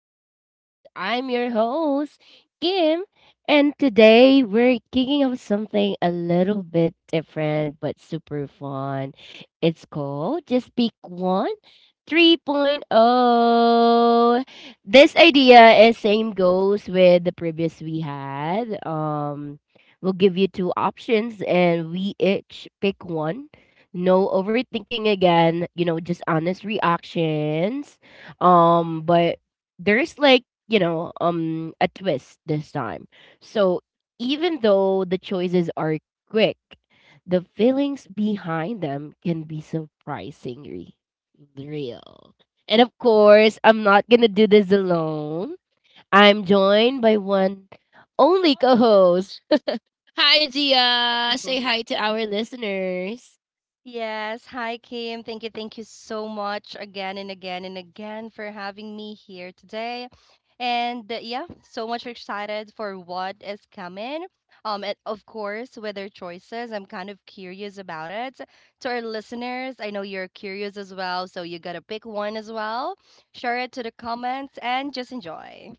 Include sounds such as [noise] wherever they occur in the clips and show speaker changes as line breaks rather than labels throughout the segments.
podcast. I'm your host, Kim, and today we're kicking off something a little bit different but super fun. It's called Just Pick One 3.0. This idea is same goes with the previous we had. We'll give you two options and we each pick one no overthinking again, you know, just honest reactions. But there's like, you know, a twist this time. So even though the choices are quick, the feelings behind them can be surprisingly real. And of course, I'm not gonna do this alone. I'm joined by one only co-host. [laughs] Hi Gia, say hi
[laughs]
to our listeners.
Yes. Hi, Kim. Thank you. Thank you so much again and again and again for having me here today. And yeah, so much excited for what is coming. And of course, with their choices, I'm kind of curious about it. To our listeners, I know you're curious as well, so you gotta pick one as well. Share it to the comments and just enjoy.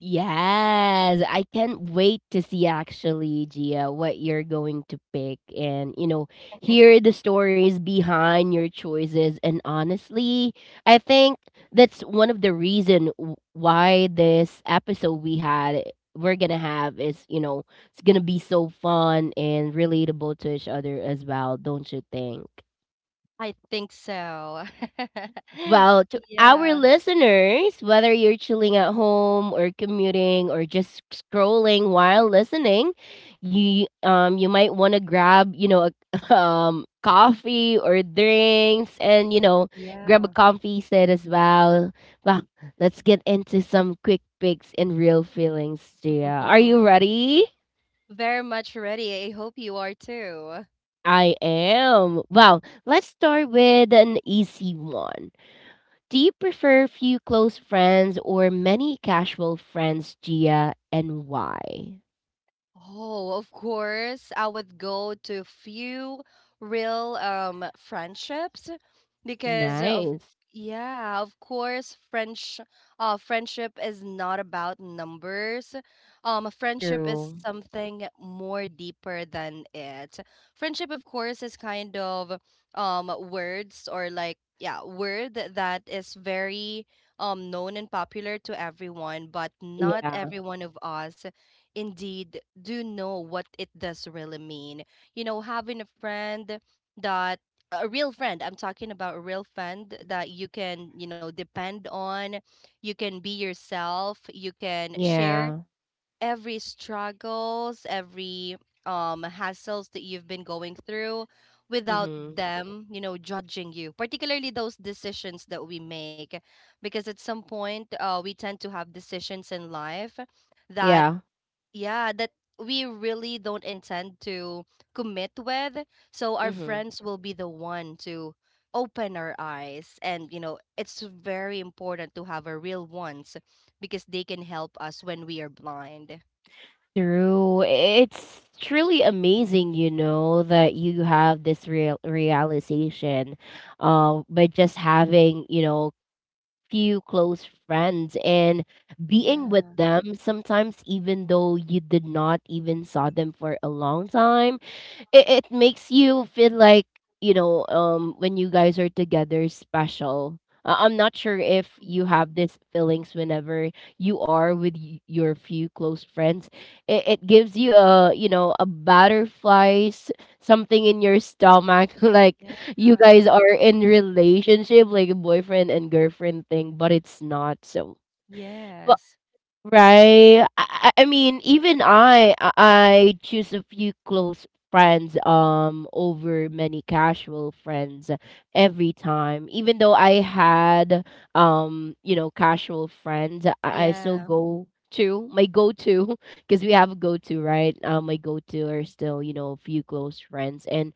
Yes, I can't wait to see actually, Gia, what you're going to pick and, you know,
[laughs]
hear the stories behind your choices. And honestly, I think that's one of the reason why this episode we had we're going to have is, you know, it's going to be so fun and relatable to each other as well, don't you think?
I think so. [laughs]
Well, to our
Yeah.
listeners, whether you're chilling at home or commuting or just scrolling while listening, you might want to grab, you know, a [laughs] coffee or drinks and you know, grab a
Yeah.
coffee set as well. Well, let's get into some quick picks and real feelings, Gia. Are you
[laughs]
ready?
Very much ready. I hope you are too.
I am. Well, let's start with an easy one. Do you prefer few close friends or many casual friends, Gia, and why?
Oh, of course, I would go to few real friendships because of
Nice.
yeah, of course, French friendship is not about numbers. Friendship is
True.
something more deeper than it. Friendship, of course, is kind of words or like yeah, word that is very known and popular to everyone, but not
Yeah.
every one of us indeed do know what it does really mean. You know, having a friend that a real friend, I'm talking about a real friend that you can, you know, depend on, you can be yourself, you can share
Yeah.
every struggles, every hassles that you've been going through without
Mm-hmm.
them, you know, judging you, particularly those decisions that we make because at some point we tend to have decisions in life that
Yeah.
yeah that we really don't intend to commit with, so our
Mm-hmm.
friends will be the one to open our eyes, and you know it's very important to have our real ones because they can help us when we are blind.
True. It's truly amazing, you know, that you have this real realization by just having, you know, few close friends and being with
Yeah.
them sometimes even though you did not even saw them for a long time it makes you feel like you know when you guys are together special I'm not sure if you
Mhm.
have these feelings whenever you are with your few close friends it gives you a you know a butterflies something in your stomach [laughs] like you
Yeah.
guys are in relationship like a boyfriend and girlfriend thing but it's not so.
Yes.
Right. I mean, even I choose a few close friends over many casual friends every time. Even though I had you know casual friends, I still
Yeah.
go to my go to [laughs] because we have a go to right. My go to are still you know a few close friends, and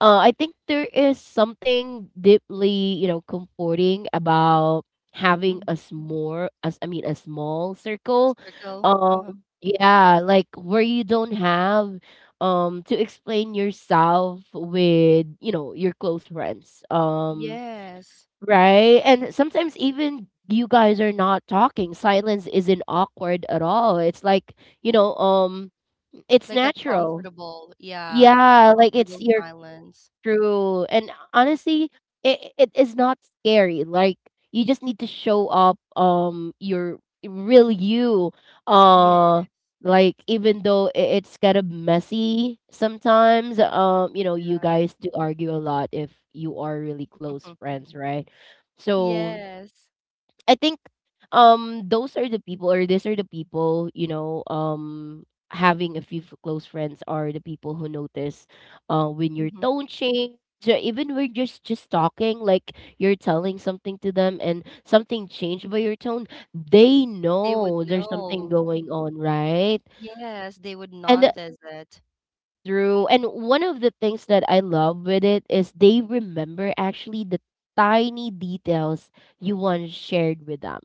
I think there is something deeply you know comforting about having a
Mhm.
small as I mean a small circle.
Circle, uh-huh.
Yeah, like where you don't have to explain yourself with, you know, your close friends.
Yes.
Right? And sometimes even you guys are not talking. Silence isn't awkward at all. It's like, you know, it's
Like a
natural.
comfortable, yeah,
Yeah, like it's
comfortable
your.
silence.
True, and honestly, it is not scary, like, you just need to show up, your real you,
Yeah.
uh, like, even though I it's kind of messy sometimes, you know, you guys do argue a lot if you are really close
[laughs]
friends, right? So
Yes.
I think those are the people or these are the people, you know, having a few close friends are the people who notice when your
Mm-hmm.
tone change or even we're just talking like you're telling something to them and something changed by your tone they
They would
know there's something
know.
going on right
Yes, they would
and th-
notice it.
through and one of the things that I love with it is they remember actually the tiny details you once shared with them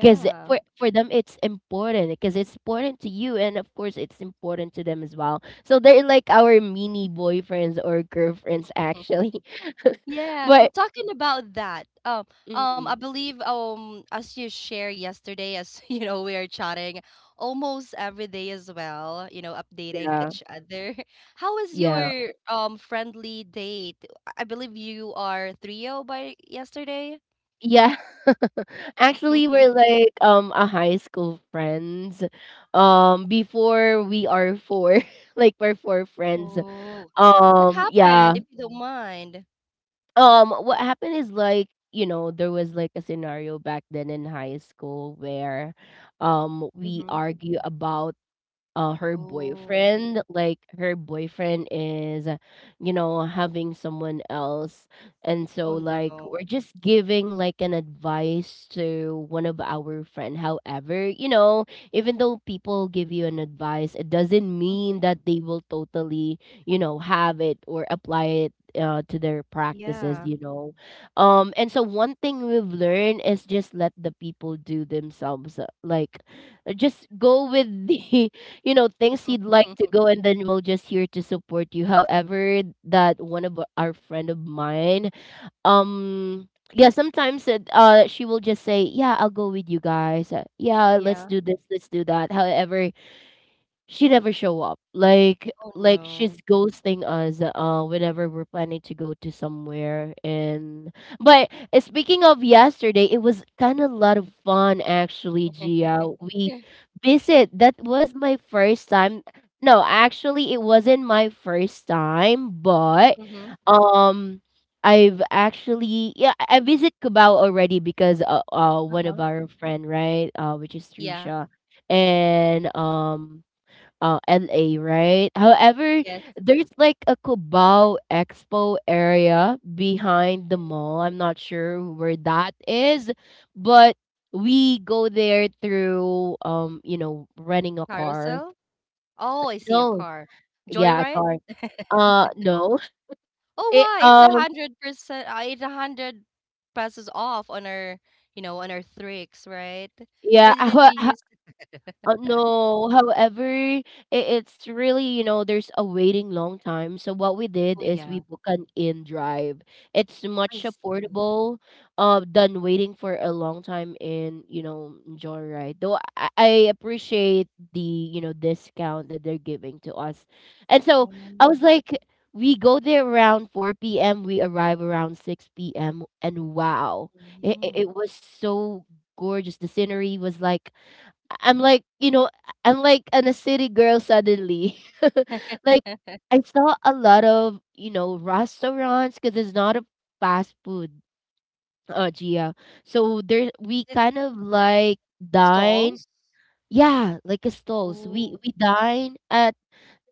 because for them it's important because it's important to you and of course it's important to them as well. So they're like our mini boyfriends or girlfriends actually.
[laughs]
[laughs]
Yeah,
but
talking about that. I
mm,
believe as you share yesterday, as [laughs] you know, we are chatting almost every day as well. You know, updating
yeah,
each other. [laughs] How is
yeah.
your friendly date? I believe you are trio by yesterday.
Yeah. [laughs] actually we're
[laughs]
like a high school friends before we are four [laughs] like we're four friends
Oh, what
yeah.
happened? If you don't mind.
What happened is like, you know, there was like a scenario back then in high school where we
Hmm.
argue about her
Oh.
boyfriend. Like her boyfriend is, you know, having someone else, and so
Oh
like
no.
we're just giving like an advice to one of our friend. However, you know, even though people give you an advice, it doesn't mean that they will totally, you know, have it or apply it. To their practices,
Yeah.
you know, and so one thing we've learned is just let the people do themselves. Like, just go with the [laughs] you know things you'd like to
[laughs]
go and then we'll just here to support you however that one of our friend of mine um yeah sometimes it, she will just say yeah I'll go with you guys. Yeah let's
Yeah.
do this let's do that however she never show up. Like
Oh
like
no.
she's ghosting us, whenever we're planning to go to somewhere and but speaking of yesterday, it was kind of a lot of fun actually,
[laughs]
Gia. We visit. That was my first time. No, actually it wasn't my first time, but
Mm-hmm.
um I've actually yeah, I visit Cubao already because one of
Uh-huh.
our friend, right? Which is
Yeah.
Trisha and LA, right? However,
Yes.
there's like a Cubao Expo area behind the mall. I'm not sure where that is, but we go there through you know, renting a car.
Carousel. Oh, I see a
No,
car.
yeah, a
Joyride.
car. No.
Oh,
It
why? It's a hundred percent. It's a hundred passes off on our, you know, on our Thrix, right?
yeah.
Why didn't
[laughs]
you use it? [laughs]
No, however, I it's really, you know, there's a waiting long time. So what we did
Oh
is we
yeah,
book an in drive. It's
I
much
see.
affordable than waiting for a long time in, you know, Joyride. Though I appreciate the, you know, discount that they're giving to us. And so I
Oh,
was like, we go there around 4 p.m. We arrive around 6 p.m. And wow, it, it
hmm.
it was so gorgeous. The scenery was like I'm like, you know, I'm like an a city girl suddenly. [laughs] like
[laughs] Is
I saw a lot of, you know, restaurants because it's not a fast food, Gia. So there we
it
kind of like dine.
stalls?
Yeah, like a stalls. We
Oh,
we dine at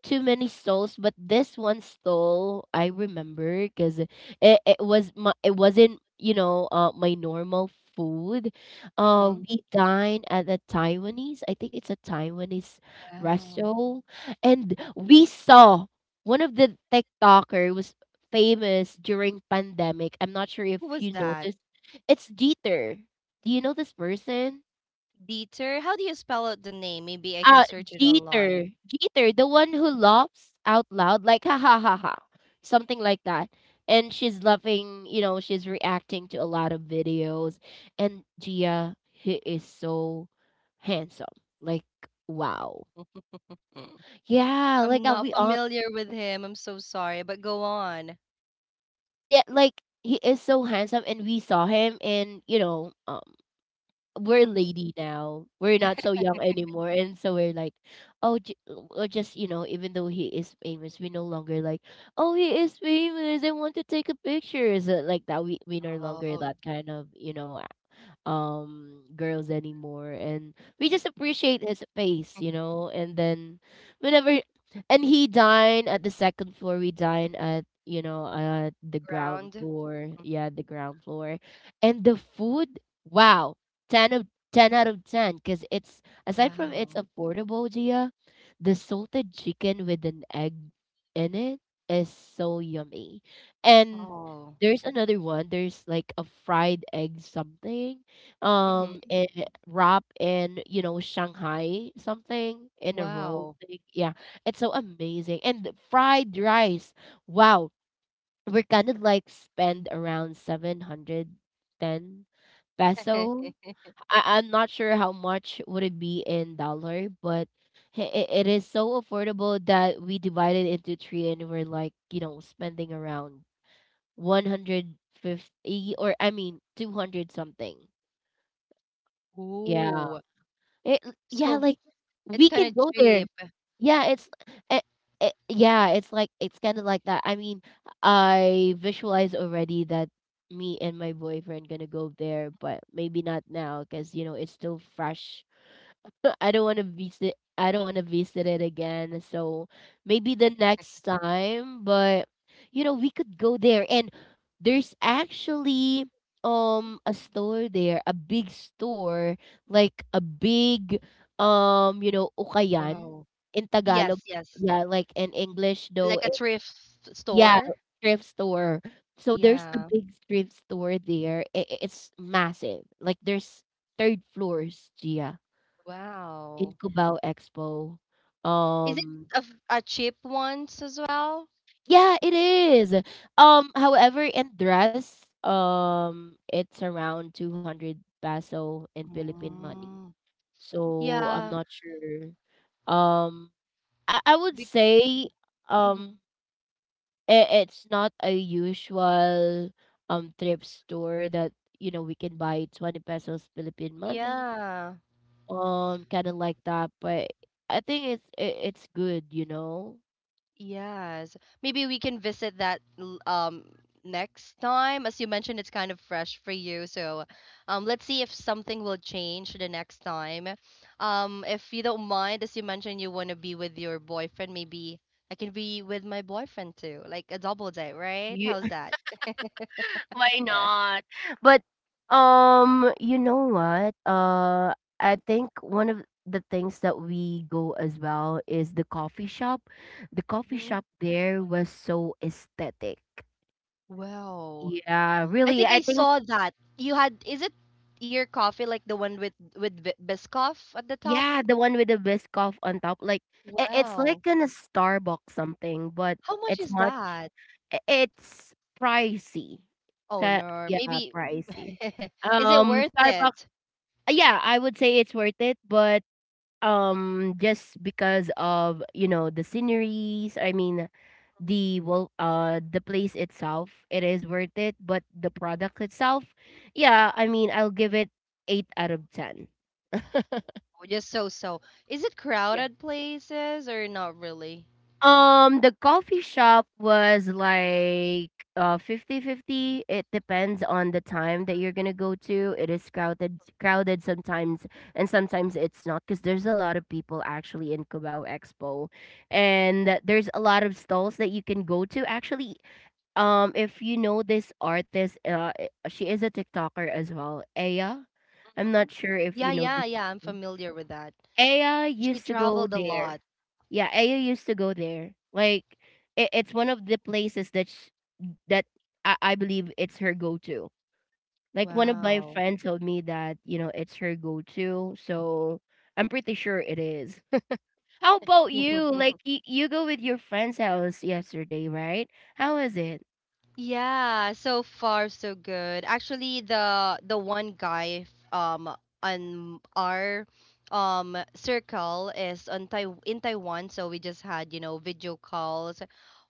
too many stalls, but this one stall I remember because it was my it wasn't you know my normal food.
mm-hmm.
We dine at the Taiwanese. I think it's a Taiwanese
Wow.
restaurant, and we saw one of the TikToker was famous during pandemic. I'm not sure if
Who was
you know
that?
this. It's Dieter. Do you know this person?
Dieter? How do you spell out the name? Maybe I can
Uh,
search it online.
Jeter. Jeter, the one who laughs out loud, like ha ha ha ha, something like that. And she's laughing, you know, she's reacting to a lot of videos. And Gia, he is so handsome. Like, wow.
Mm.
Yeah, like
I'm
I'll
not
be on.
familiar with him. I'm so sorry, but go on.
Yeah, like he is so handsome, and we saw him in, you know, we're
Mhm.
lady now. We're not so young anymore, and so we're like, oh, j- or just you know, even though he is famous, we no longer like, oh, he is famous. I want to take a picture. Is it like that? We no longer
Oh,
that kind of you know, girls anymore, and we just appreciate his face, you know. And then, whenever, and he dine at the second floor. We dine at you know, the ground
ground.
floor. Yeah, the ground floor, and the food. Wow 10 of 10 out of 10 because it's aside from it's
Wow.
affordable gia the salted chicken with an egg in it is so yummy and
Oh,
there's another one there's like a fried egg something
mhm.
and wrap in you know shanghai something in a roll
Wow.
thing. Yeah it's so amazing and the fried rice wow we're kind of like spend around 710
[laughs]
peso I I'm not sure how much would it be in dollar, but it it is so affordable that we divided into three and we're like, you know, spending around 150 or I mean 200 something. Yeah.
Ooh.
It, yeah,
So
like
it's
we
kind
can
of
go there.
cheap.
Yeah, it's it, yeah, it's like it's kind of like that. I mean, I visualize already that me and my boyfriend gonna go there, but maybe not now because you know it's still fresh I don't wanna visit it again, so maybe the next time, but you know, we could go there and there's actually a store there, a big store, like a big you know, ukayan
Wow.
in Tagalog.
Yes, yes.
Yeah, like in English though.
Like a thrift
Yeah,
store.
thrift store. So there's a
Yeah.
big thrift store there. It's massive. Like there's third floors, Gia. In
Wow.
Cubao Expo.
Is it
Um,
a, a cheap ones as well?
yeah, it is. However, in dress, it's around 200 peso in Philippine money.
Mm.
So I'm
Yeah.
not sure. Um, I would
Be-
say
mhm.
um it's not a usual thrift store that you know we can buy 20 pesos Philippine money.
Yeah.
Kind of like that, but I think it's good.
Yes. Maybe we can visit that next time. As you mentioned, it's kind of fresh for you. So, let's see if something will change the next time. If you don't mind, as you mentioned you want to be with your boyfriend, maybe I can be with my boyfriend too. Like a double date, right? How's that? [laughs]
Why not? But you know what? I think one of the things that we go as well is the coffee shop. The coffee
Mhm.
shop there was so aesthetic.
Wow.
Yeah,
I
really.
think I
I think
saw that. You had, is it your coffee like the one with Bi- Biscoff at the top?
yeah, the one with the biscoff on top, like it's like
Wow.
in a Starbucks something, but
How much
it's
is
much.
that?
It's pricey.
Oh no,
Yeah,
maybe
pricey.
[laughs] is it worth
Starbucks.
it?
Yeah, I would say it's worth it, but. Just because of, you know, the sceneries, I mean, the place itself, it is worth it, but the product itself, yeah, I mean, I'll give it 8 out of 10.
Oh, just so so. Is it crowded places or not really?
The coffee shop was like 50 fifty. It depends on the time that you're gonna go to. It is crowded sometimes, and sometimes it's not, because there's a lot of people actually in Cubao Expo. And there's a lot of stalls that you can go to. Actually, if you know this artist, she is a TikToker as well, Aya. I'm
Hmm.
not sure if
Yeah,
you know
yeah,
this.
yeah. I'm familiar with that.
Aya
She
used to go
traveled a
there.
lot.
Yeah, Ayo used to go there. Like it's one of the places that I believe it's her go to. Like one of my
Wow.
friends told me that you know it's her go to, so I'm pretty sure it is. [laughs] How about you? Like
[laughs]
you go with your friend's house yesterday, right? How was it?
Yeah, so far so good. Actually, the one guy on our circle is on Taiwan, so we just had, you know, video calls.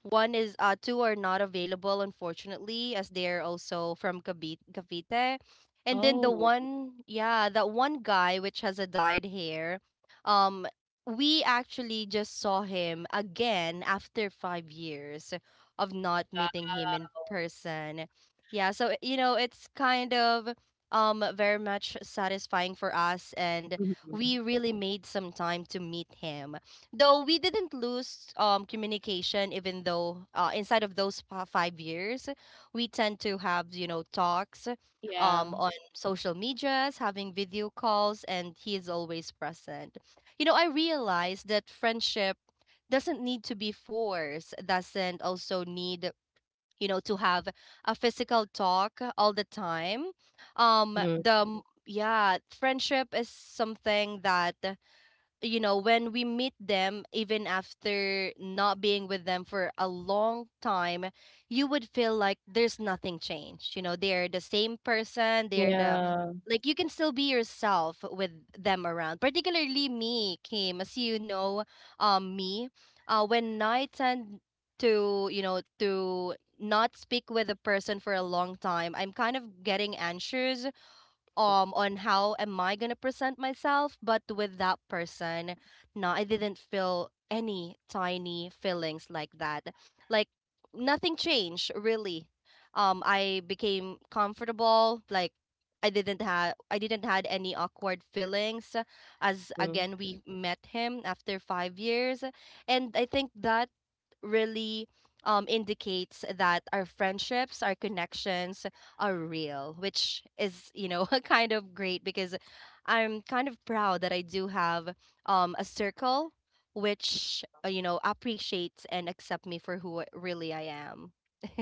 One is two are not available unfortunately as they're also from Cavite, Cavite. And then the
Oh.
one, yeah, that one guy which has a dyed hair, um we actually just saw him again after 5 years of not meeting him in person. Yeah, so you know, it's kind of very much satisfying for us, and
Mhm.
we really made some time to meet him. Though we didn't lose communication even though inside of those 5 years, we tend to have, you know, talks
Yeah.
on social medias, having video calls, and he is always present. You know, I realized that friendship doesn't need to be forced, doesn't also need you know to have a physical talk all the time.
Hmm,
Yeah, friendship is something that you know, when we meet them, even after not being with them for a long time, you would feel like there's nothing changed. You know, they're the same person,
yeah.
they're the
Yeah.
like you can still be yourself with them around. Particularly me, Kim, as you know, um me, when I tend to, you know, to not speak with a person for a long time, I'm kind of getting anxious on how am I gonna present myself, but with that person, no, I didn't feel any tiny feelings like that. Like nothing changed really. I became comfortable. Like I didn't had any awkward feelings. As
Mhm.
again, we met him after 5 years, and I think that really indicates that our friendships, our connections are real, which is, you know, [laughs] kind of great because I'm kind of proud that I do have a circle which, you know, appreciates and accept me for really I am.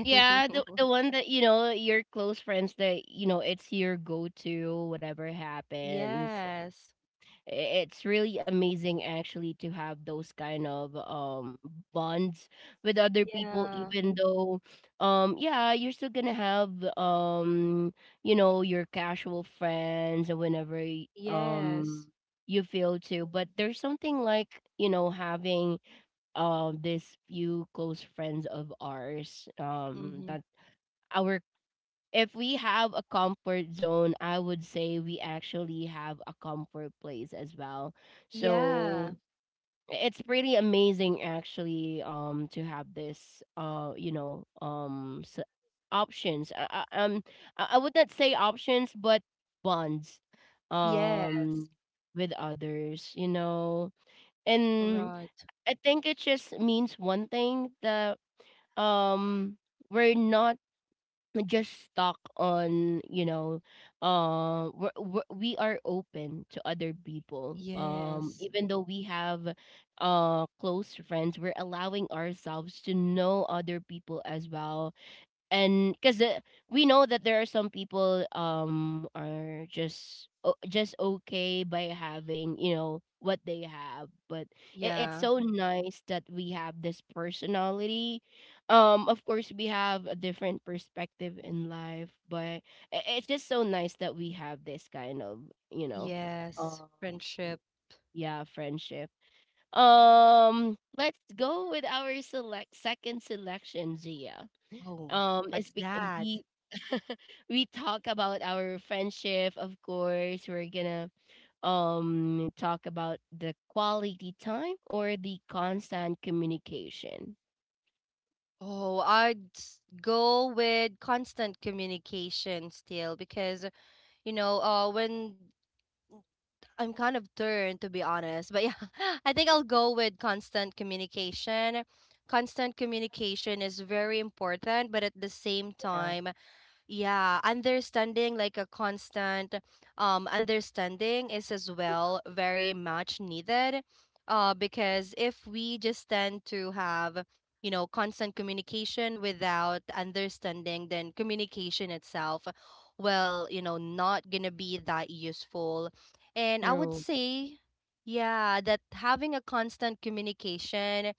Yeah, the one that you know your close friends that you know it's your go-to whatever happens.
Yes.
I- It's really amazing actually to have those kind of bonds with other people,
Yeah.
even though yeah you're still gonna have, you know, your casual friends or whenever
Yes.
you feel to, but there's something like, you know, having this few close friends of ours that
Mm-hmm.
our if we have a comfort zone, I would say we actually have a comfort place as well. So
Yeah.
it's pretty amazing actually to have this you know options. I would not say options but bonds,
Yeah.
um with others, you know. And
Right.
I think it just means one thing, that um we're not just stuck on, you know, we are open to other people,
Yes.
even though we have close friends. We're allowing ourselves to know other people as well, and because we know that there are some people are just o just okay by having you know what they have. But it's
Yeah.
so nice that we have this personality. Of course we have a different perspective in life, but I it's just so nice that we have this kind of, you know, um
Yes. Friendship.
yeah, friendship. Let's go with our select second selection, Zia.
Oh,
um, it's
what's
be-
that?
we [laughs] we talk about our friendship, of course. We're gonna talk about the quality time or the constant communication.
Oh, I'd go with constant communication still because, you know, when I'm kind of turned, to be honest. But yeah, [laughs] I think I'll go with constant communication. Constant communication is very important, but at the same time, yeah, understanding like a constant understanding is as well very much needed. Because if we just tend to have, you know, constant communication without understanding, then communication itself will, you know, not gonna be that useful. And I
True.
would say, yeah, that having a constant communication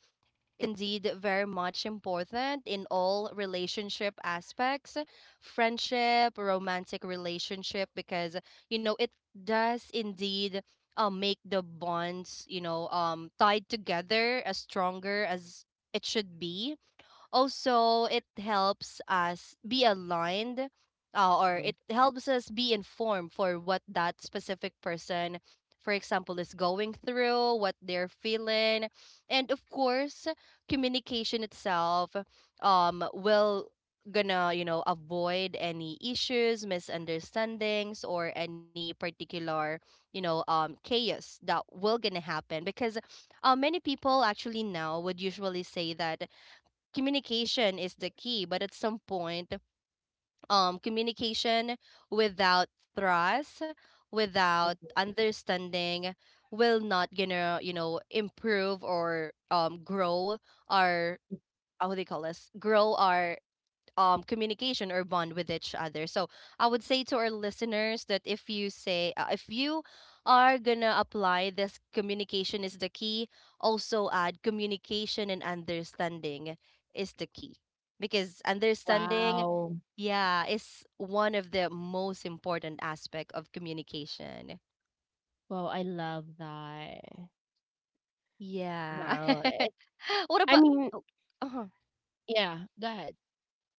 indeed very much important in all relationship aspects, friendship, romantic relationship, because you know it does indeed make the bonds you know tied together as stronger as it should be. Also, it helps us be aligned or
Mhm.
it helps us be informed for what that specific person, for example, is going through, what they're feeling. And of course, communication itself will gonna you know avoid any issues, misunderstandings, or any particular you know chaos that will gonna happen, because many people actually now would usually say that communication is the key, but at some point communication without trust, without
Mhm.
understanding will not gonna you know improve or grow our how do they call this grow our communication or bond with each other. So I would say to our listeners that if you say if you are gonna apply this communication is the key, also add communication and understanding is the key, because understanding
Wow.
yeah is one of the most important aspect of communication.
Wow, I love that.
Yeah.
Wow. It,
[laughs]
I
What about
mean,
oh, uh-huh.
yeah, go ahead.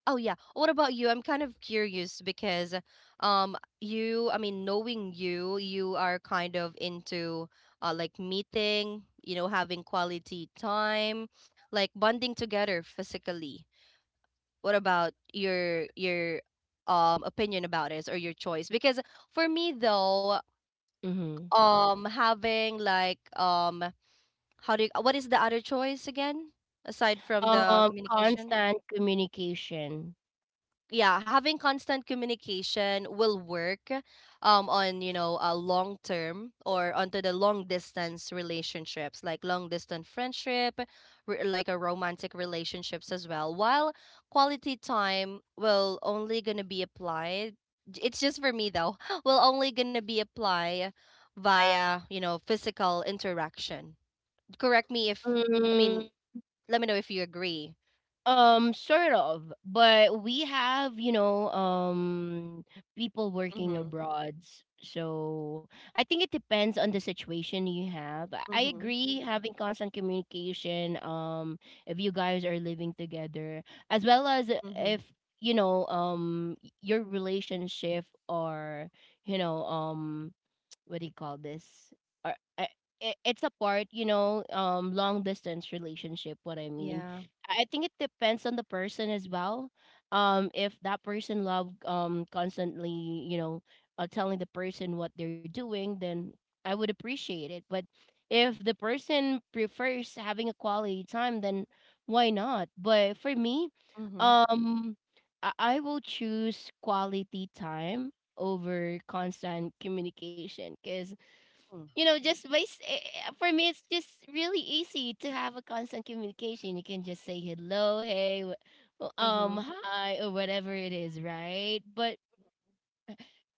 Oh yeah. What about you? I'm kind of curious because you, I mean, knowing you, you are kind of into like meeting, you know, having quality time, like bonding together physically. What about your opinion about it or your choice? Because for me though,
Mm-hmm.
having like how do you, what is the other choice again aside from the communication?
Constant communication.
Yeah, having constant communication will work on you know a long term or onto the long distance relationships like long distance friendship like a romantic relationships as well, while quality time will only gonna be applied, it's just for me though [laughs] will only gonna be applied via you know physical interaction. Correct me if I
Mm.
mean let me know if you agree.
Sort of, but we have, you know, people working
Mm-hmm.
abroad. So I think it depends on the situation you have. I
Mm-hmm.
agree having constant communication, if you guys are living together, as well as if,
Mm-hmm.
you know, your relationship, or, you know, what do you call this? Or uh, it's a part, you know, long distance relationship. What I mean,
Yeah.
I think it depends on the person as well. If that person love constantly, you know, telling the person what they're doing, then I would appreciate it. But if the person prefers having a quality time, then why not? But for me,
Mm-hmm.
um, I will choose quality time over constant communication, because you know just by for me it's just really easy to have a constant communication. You can just say hello, hey,
Mhm.
hi, or whatever it is, right? But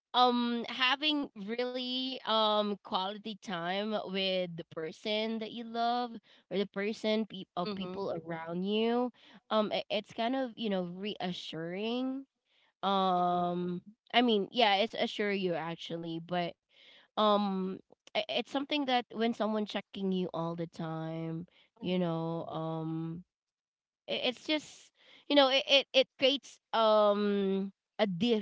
having really quality time with the person that you love, or the person pe- of people
Mhm.
around you, it's kind of, you know, reassuring.
Mhm.
um I mean, yeah, it's assure you actually. But um it's something that when someone checking you all the time, you
Mhm.
know, it's just, you know, it creates a diff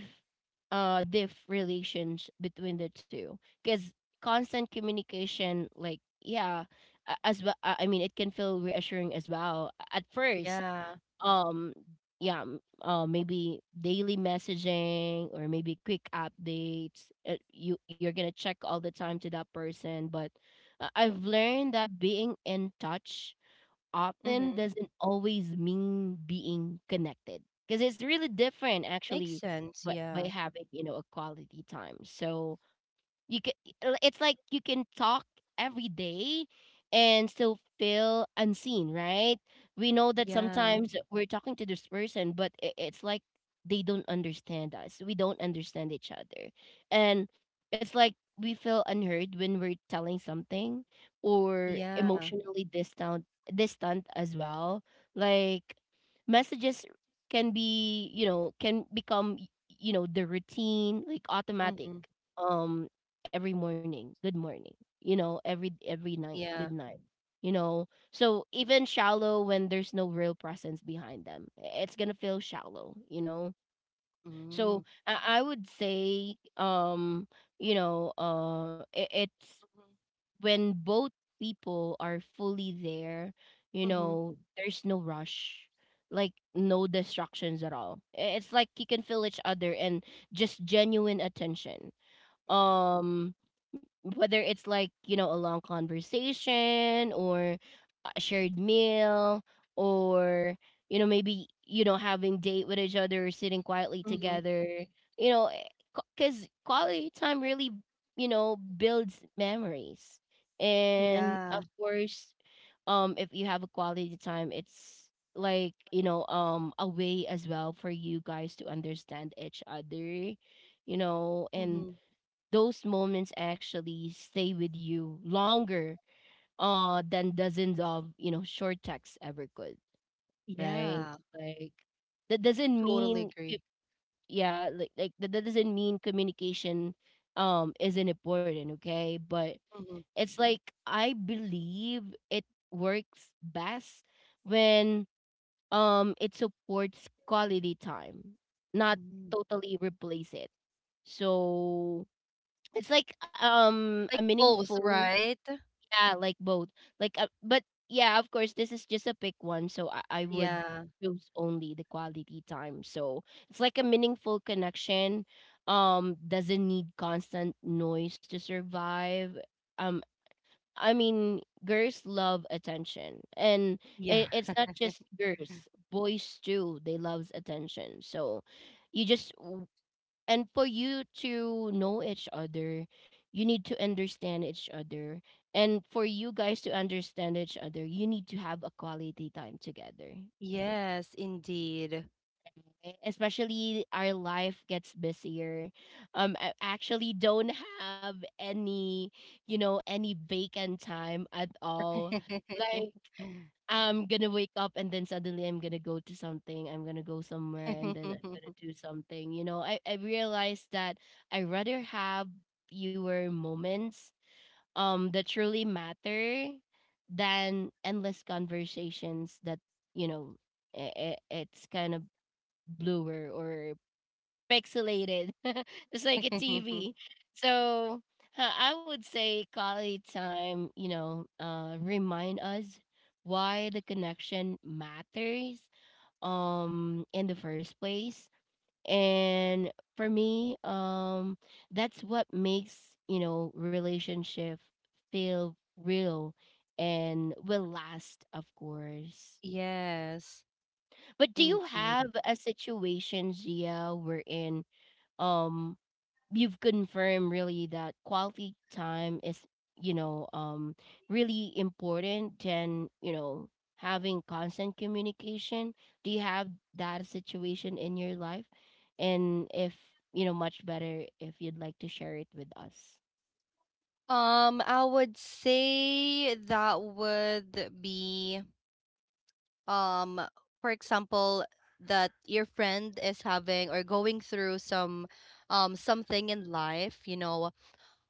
diff relations between the two, because constant communication, like, yeah, as well, I mean it can feel reassuring as well at first.
Yeah.
um yeah, maybe daily messaging, or maybe quick updates. You're gonna check all the time to that person. But I've learned that being in touch often
Mhm.
doesn't always mean being connected, because it's really different
Makes
actually.
sense.
But by
Yeah.
having, you know, a quality time, so you can, it's like you can talk every day and still feel unseen, right? We know that
Yeah.
sometimes we're talking to this person, but it's like they don't understand us, we don't understand each other. And it's like we feel unheard when we're telling something, or
Yeah.
emotionally distant. As well. Like messages can be, you know, can become, you know, the routine, like automatic.
Mhm.
Um, every morning, good morning. You know, every night, good
Yeah.
night. You know, so even shallow when there's no real presence behind them, it's gonna feel shallow. You know, so
Mm.
I would say, you know, it's
Mhm.
when both people are fully there, you
Mhm.
know, there's no rush, like no distractions at all. It's like you can feel each other, and just genuine attention. Um Whether it's like, you know, a long conversation, or a shared meal, or, you know, maybe, you know, having date with each other, or sitting quietly
Mhm.
together, you know, because quality time really, you know, builds memories. And of
Yeah.
course, if you have a quality time, it's like, you know, a way as well for you guys to understand each other, you know. And
Mhm.
those moments actually stay with you longer than dozens of, you know, short texts ever could, right?
Yeah.
like that doesn't
Totally
mean c-
agree.
Yeah, like that doesn't mean communication isn't important, okay? But
Mhm.
it's like I believe it works best when it supports quality time, not
Mhm.
totally replace it. So it's like a
Like both,
meaningful.
right?
Yeah, like both. Like but yeah, of course this is just a pick one, so I would
Yeah.
choose only the quality time. So it's like a meaningful connection. Doesn't need constant noise to survive. Um I mean, girls love attention, and it,
Yeah.
it's not just girls, boys too, they loves attention. So you just, and for you to know each other, you need to understand each other. And for you guys to understand each other, you need to have a quality time together,
Yes, indeed.
right? Especially our life gets busier. I actually don't have any, you know, any vacant time at all. Like
[laughs]
I'm gonna wake up and then suddenly I'm gonna go to something, I'm gonna go somewhere, and then I'm gonna do
[laughs]
something. You know, I realized that I rather have fewer moments that truly matter than endless conversations that, you know, it's kind of bluer or pixelated, [laughs] just like a TV. So I would say quality time, you know, remind us why the connection matters in the first place. And for me, that's what makes, you know, relationship feel real, and will last of course.
Yes,
But do you have
indeed.
a situation, Gia, wherein um you've confirmed really that quality time is, you know, really important than, you know, having constant communication? Do you have that situation in your life? And if, you know, much better if you'd like to share it with us.
I would say that would be um, for example, that your friend is having or going through some something in life, you know,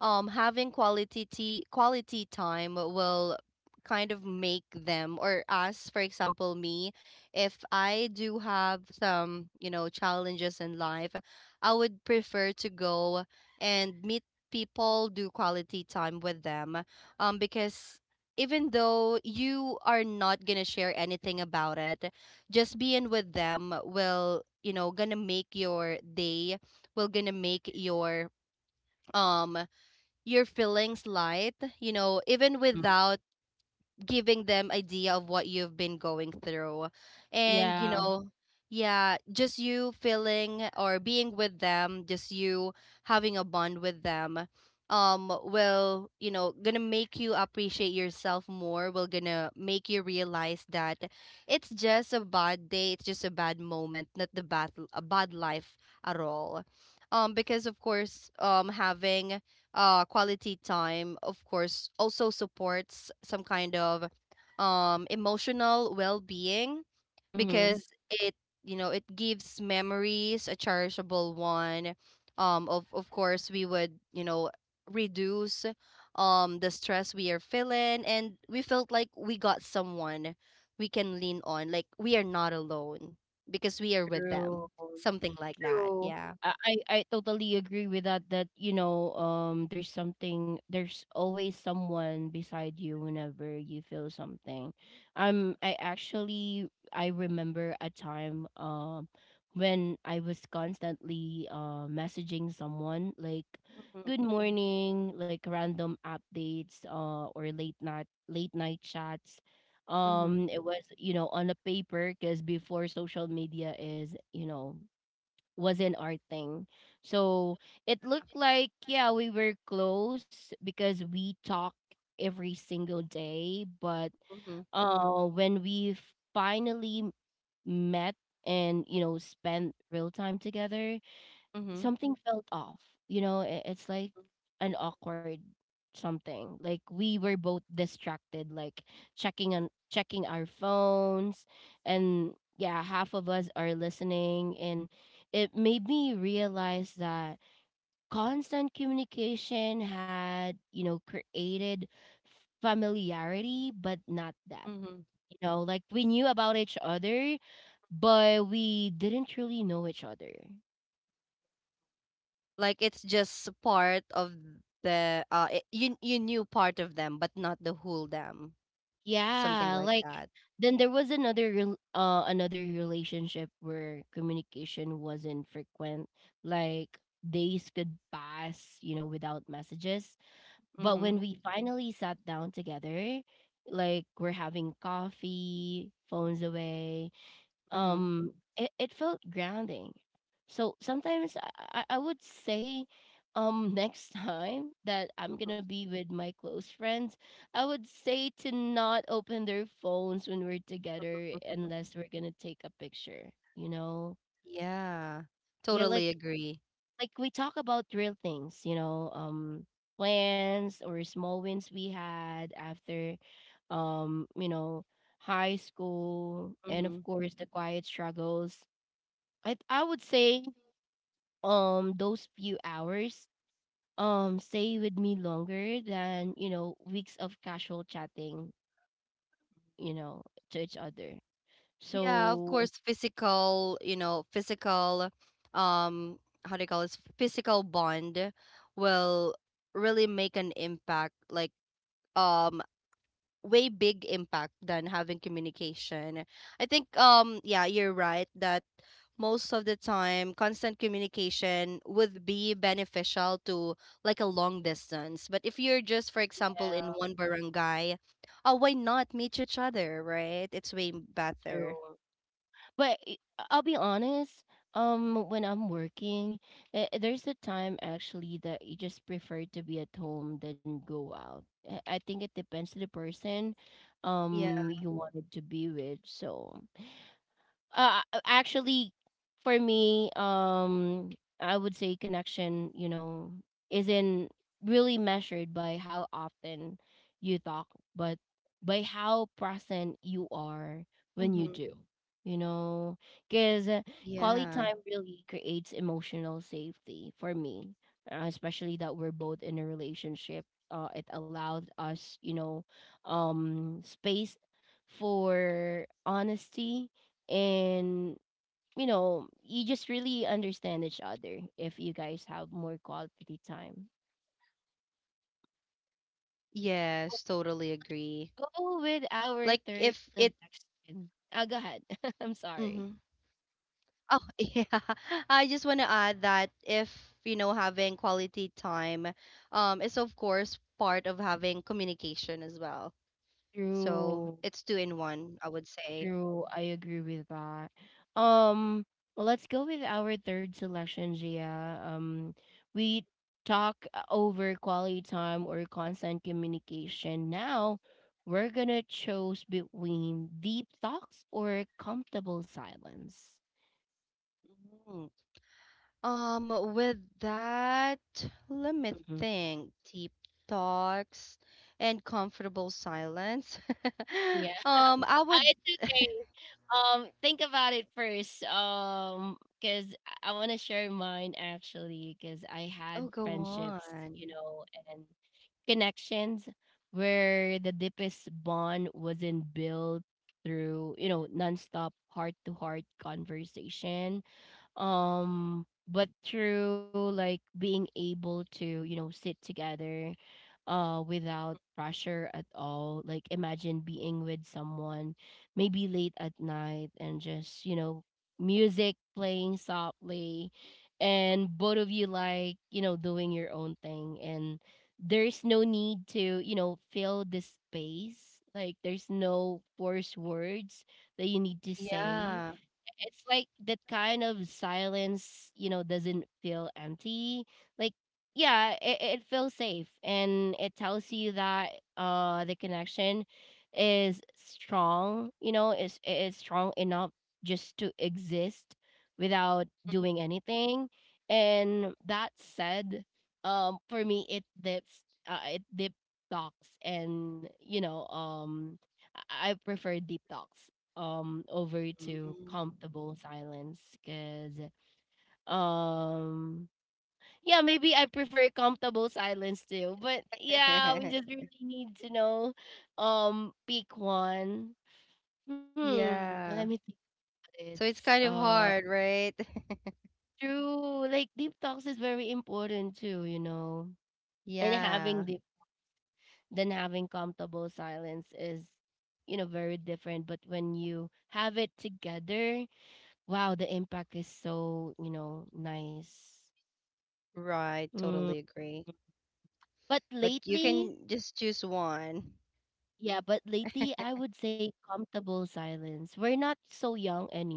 having quality time will kind of make them or us, for example me, if I do have some you know challenges in life I would prefer to go and meet people, do quality time with them, because even though you are not gonna share anything about it, just being with them will you know gonna make your day, will gonna make um your feelings light, you know, even
Mm.
without giving them idea of what you've been going through. And, you
Yeah.
know, yeah, just you feeling or being with them, just you having a bond with them will, gonna make you appreciate yourself more, will gonna make you realize that it's just a bad day, it's just a bad moment, not the bad a bad life at all. Because of course, having quality time of course also supports some kind of emotional well-being,
Mm-hmm.
because it you know it gives memories a cherishable one. Of course we would reduce the stress we are feeling, and we felt like we got someone we can lean on, like we are not alone because we are with
True.
them. Something like that.
True.
Yeah.
I totally agree with that, you know, there's something, there's always someone beside you whenever you feel something. I actually, I remember a time when I was constantly messaging someone, like
Mm-hmm.
good morning, like random updates, or late night, chats.
Mm-hmm.
It was, you know, on a paper because before social media is, you know, wasn't our thing. So it looked like, yeah, we were close because we talk every single day. But when we finally met and, you know, spent real time together,
Mm-hmm.
something felt off. You know, it's like an awkward something. Like we were both distracted, like checking our phones, and yeah, half of us are listening, and it made me realize that constant communication had, you know, created familiarity but not depth.
Mm-hmm.
Like we knew about each other, but we didn't really know each other.
Like it's just part of you knew part of them but not the whole them.
Yeah,
Something like
like,
that.
then there was another another relationship where communication wasn't frequent. Like days could pass, without messages. But when we
Mhm.
finally sat down together, like we're having coffee, phones away,
Mhm.
um it felt grounding. So sometimes I would say [laughs] next time that I'm gonna
Mhm.
be with my close friends, I would say to not open their phones when we're together unless we're gonna take a picture you know
Yeah.
yeah. like
Totally agree.
like we talk about real things, plans or small wins we had after um you know high school, and of
Mhm.
course the quiet struggles. I would say those few hours stay with me longer than weeks of casual chatting you know to each other.
Yeah, of
So
course physical, um how do you call this physical bond, will really make an impact, like, um way big impact than having communication. I think yeah, you're right that most of the time constant communication would be beneficial to, like, a long distance. But if you're just, for
yeah,
example, in one barangay, oh, why not meet each other, right? It's way
true.
better.
But I'll be honest. When I'm working, there's a time actually that you just prefer to be at home than go out. I think it depends to the person,
Yeah.
you wanted to be with. So, actually, for me, I would say connection, isn't really measured by how often you talk, but by how present you are when you do.
Mm-hmm.
You know, because quality time
Yeah.
really creates emotional safety for me, especially that we're both in a relationship. It allowed us, space for honesty and you just really understand each other if you guys have more quality time.
Yes, totally agree.
We'll go with our
Like
third
if it
selection. Oh, go ahead. [laughs] I'm sorry.
Mm-hmm. Oh, [laughs] yeah. I just want to add that if, having quality time is of course part of having communication as well.
True.
So, it's two in one, I would say.
True, I agree with that. Um, well, let's go with our third selection, Gia. We talk, over quality time or constant communication. Now, we're gonna choose between deep talks or comfortable silence.
Mhm. Um, with that, let me think. Deep talks and comfortable silence.
Mhm.
[laughs] I
It's
would.
okay. Think about it first. Because I want to share mine actually, because I had
Oh, go
friendships,
on.
and connections where the deepest bond wasn't built through, nonstop heart to heart conversation, but through, like, being able to sit together, without pressure at all, like imagine being with someone maybe late at night, and just, music playing softly, and both of you, like, doing your own thing, and there's no need to fill the space, like there's no forced words that you need to say.
Yeah.
It's like that kind of silence, doesn't feel empty. Like, yeah, it feels safe, and it tells you that the connection is strong, is strong enough just to exist without doing anything. And that said, for me it deep talks and I prefer deep talks over to
Mhm.
comfortable silence because um yeah, maybe I prefer comfortable silence too, but yeah, we just really
[laughs]
need to know, pick one. Hmm, let me think
Yeah.
about it.
So it's
uh
kind of hard, right? [laughs]
True, like deep talks is very important too, and having deep
Yeah,
than having comfortable silence is very different, but when you have it together, wow, the impact is so, nice.
right.
Mm.
Totally agree.
But
But
lately,
you can just choose one.
yeah, but lately I would say comfortable silence. We're not so young anymore,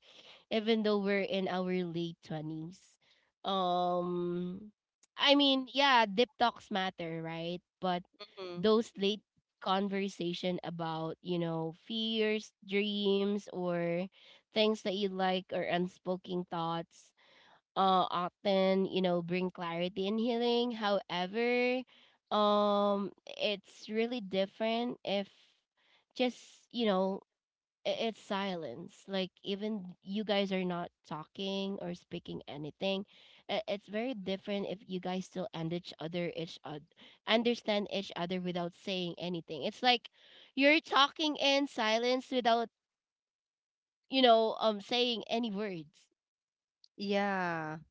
even though we're in our late 20s. Um I mean, yeah, deep talks matter, right? But those
Hmm.
late conversation about, fears, dreams, or things that you like or unspoken thoughts, often bring clarity and healing. However, um it's really different if just it's silence, like even you guys are not talking or speaking anything. It's very different if you guys still and each other understand each other without saying anything. It's like you're talking in silence without saying any words.
Yeah.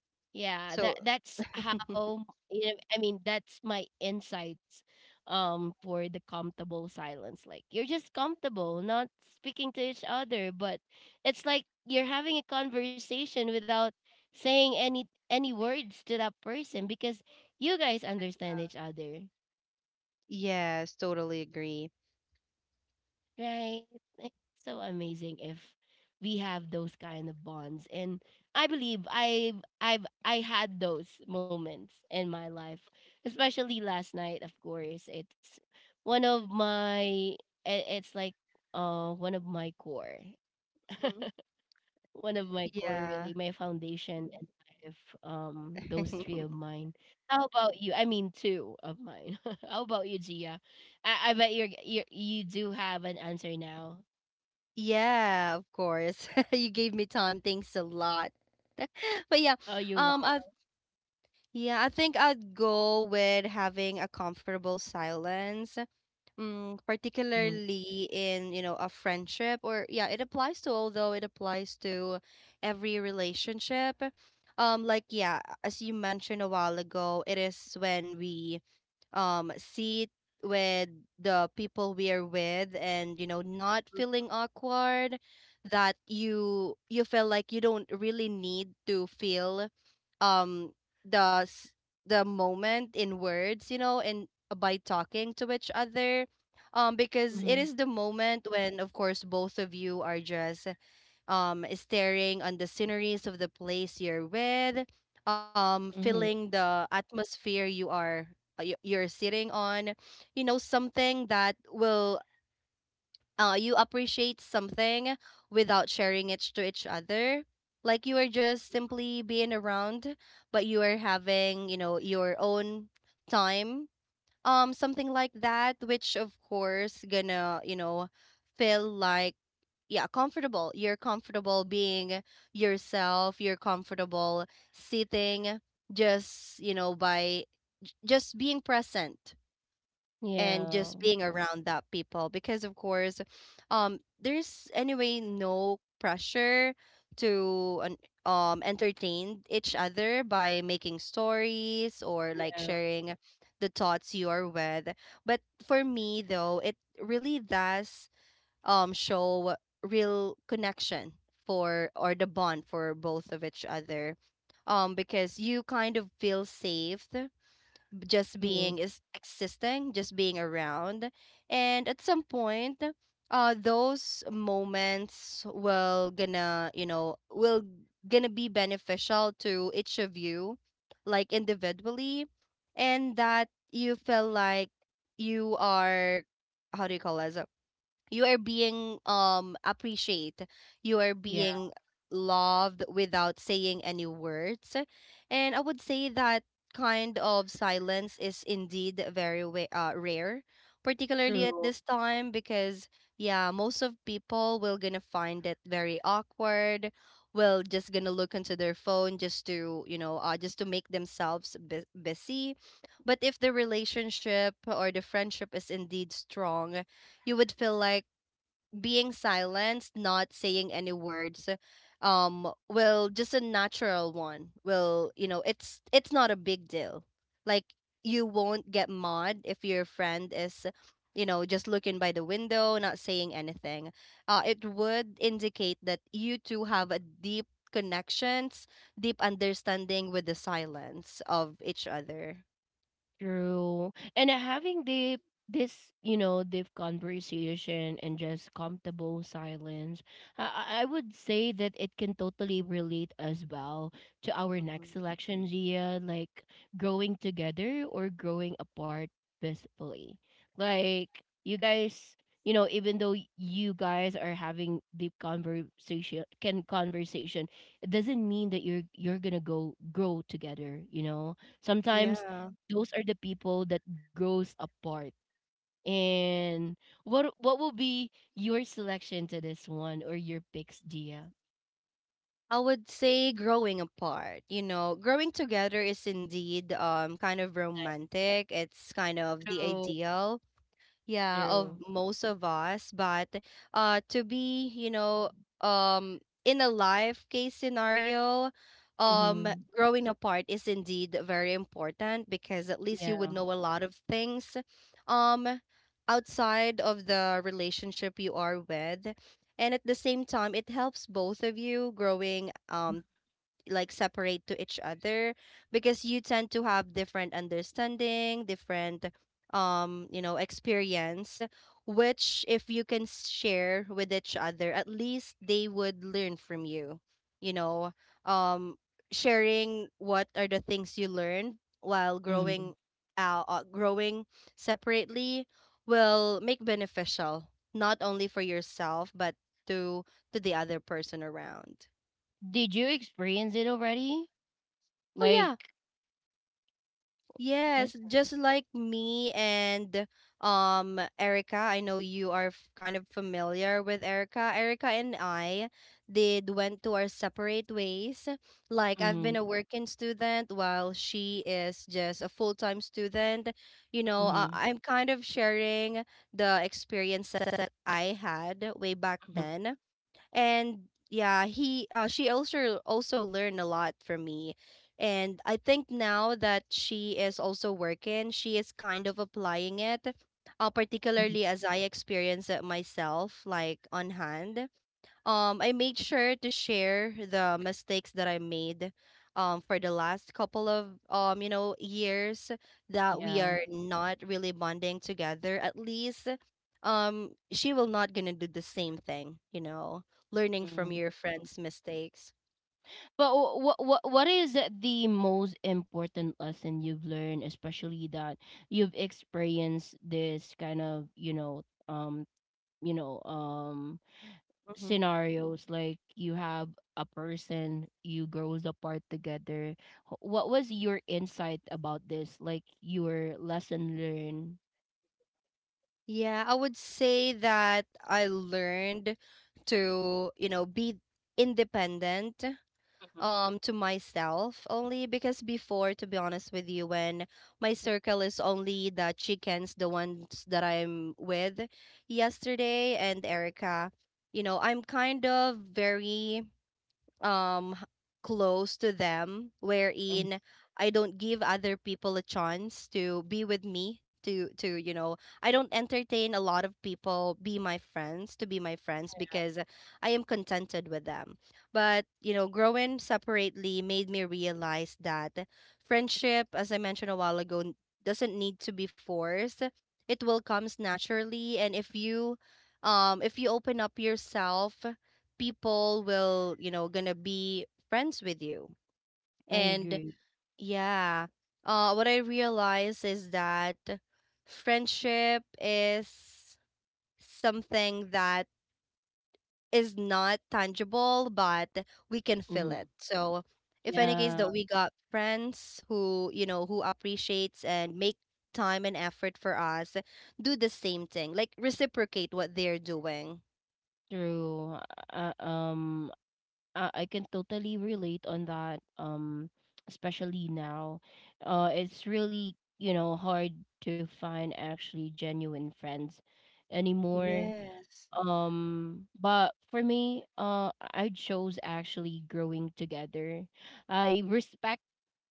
Yeah, that
So,
that's how, I mean that's my insights for the comfortable silence. Like you're just comfortable not speaking to each other, but it's like you're having a conversation without saying any words to that person because you guys understand each other.
yes, totally agree.
Right? It's so amazing if we have those kind of bonds. And I believe I had those moments in my life, especially last night. Of course, it's one of my I- it's like one of my core,
Hmm.
one of my core really, my
Yeah.
foundation and life. Those three of mine.
[laughs]
How about you? I mean, two of mine. [laughs] How about you, Gia? I bet you do have an answer now.
Yeah, of course. [laughs] You gave me time. Thanks a lot. [laughs]
Oh,
But
you're
yeah,
welcome.
um, I yeah, I think I'd go with having a comfortable silence. Mm,
Mhm.
particularly in a friendship, or yeah, it applies to although it applies to every relationship. Like, yeah, as you mentioned a while ago, it is when we see it with the people we are with, and not feeling awkward, that you feel like you don't really need to feel um the s- the moment in words and by talking to each other,
Mhm.
because it is the moment when of course both of you are just, staring on the sceneries of the place you're with,
Mhm.
feeling the atmosphere you are, you're sitting on, something that will, you appreciate something without sharing it to each other. Like you are just simply being around, but you are having your own time. Something like that, which of course gonna feel like, yeah, comfortable you're comfortable being yourself, you're comfortable sitting, just by just being present
Yeah.
and just being around that people, because of course there's anyway no pressure to entertain each other by making stories or
Yeah.
like sharing the thoughts you are with. But for me though, it really does show real connection for or the bond for both of each other, because you kind of feel safe, just
Mhm.
being is existing, just being around. And at some point, those moments will gonna will gonna be beneficial to each of you, like, individually. And that you feel like you are, how do you call it, you are being appreciate, you are
Yeah.
being loved without saying any words. And I would say that kind of silence is indeed very, rare, particularly
True.
at this time, because, yeah, most of people will gonna find it very awkward, will just gonna look into their phone just to just to make themselves busy. But if the relationship or the friendship is indeed strong, you would feel like being silenced, not saying any words, will just a natural one will it's not a big deal. Like you won't get mad if your friend is just looking by the window, not saying anything. It would indicate that you two have a deep connections, deep understanding with the silence of each other.
True. And having the this, deep conversation and just comfortable silence, I would say that it can totally relate as well to our next
Mhm.
selection, Gia, like growing together or growing apart peacefully. Like you guys, even though you guys are having deep conversation can conversation, it doesn't mean that you're gonna go grow together, Sometimes
Yeah.
those are the people that grows apart. And what will be your selection to this one or your picks, Gia?
I would say growing apart. You know, growing together is indeed kind of
Like
romantic. It's kind
through
of the ideal,
through.
yeah, of most of us, but to be um in a life case scenario,
Mm-hmm.
um growing apart is indeed very important because at least you
Yeah.
would know a lot of things um outside of the relationship you are with. And at the same time it helps both of you growing, like, separate to each other, because you tend to have different understanding, different experience, which if you can share with each other, at least they would learn from you. You know, um sharing what are the things you learned while
Mm-hmm.
growing separately will make beneficial not only for yourself, but to to the other person around.
Did you experience it already?
Oh
Like
yeah.
that's.
Yes, just like me and Erica. I know you are kind of familiar with Erica. Erica and I did went to our separate ways. Like,
Mm-hmm.
I've been a working student while she is just a full-time student. You
Mm-hmm.
know, I'm kind of sharing the experiences that I had way back
Mm-hmm.
then, and yeah, he she also learned a lot from me. And I think now that she is also working, she is kind of applying it,
Hmm.
particularly as I experience it myself, like, on hand. I made sure to share the mistakes that I made for the last couple of years that
Yeah.
we are not really bonding together. At least she will not gonna do the same thing, you know, learning
Mm-hmm.
from your friends' mistakes.
But what is the most important lesson you've learned, especially that you've experienced this kind of, um you know um
Hmm.
scenarios, like you have a person you grows apart together. What was your insight about this, like your lesson learned?
Yeah, I would say that I learned to, you know, be independent to myself only. Because before, to be honest with you, when my circle is only the chickens, the ones that I'm with yesterday and Erica, you know, I'm kind of very, um h- close to them,
Mm,
wherein I don't give other people a chance to be with me, to you know I don't entertain a lot of people be my friends to be my friends, because I am contented with them. But you know, growing separately made me realize that friendship, as I mentioned a while ago, doesn't need to be forced. It will comes naturally, and if you open up yourself, people will, you know, gonna be friends with you.
I agree.
And, yeah, what I realize is that friendship is something that is not tangible, but we can
Mm-hmm.
feel it. So if any
Yeah,
case that we got friends who who appreciates and make time and effort for us, do the same thing, like reciprocate what they're doing.
true. Uh, um, I can totally relate on that. Especially now, it's really hard to find actually genuine friends anymore.
Yes.
But for me, I chose actually growing together. I respect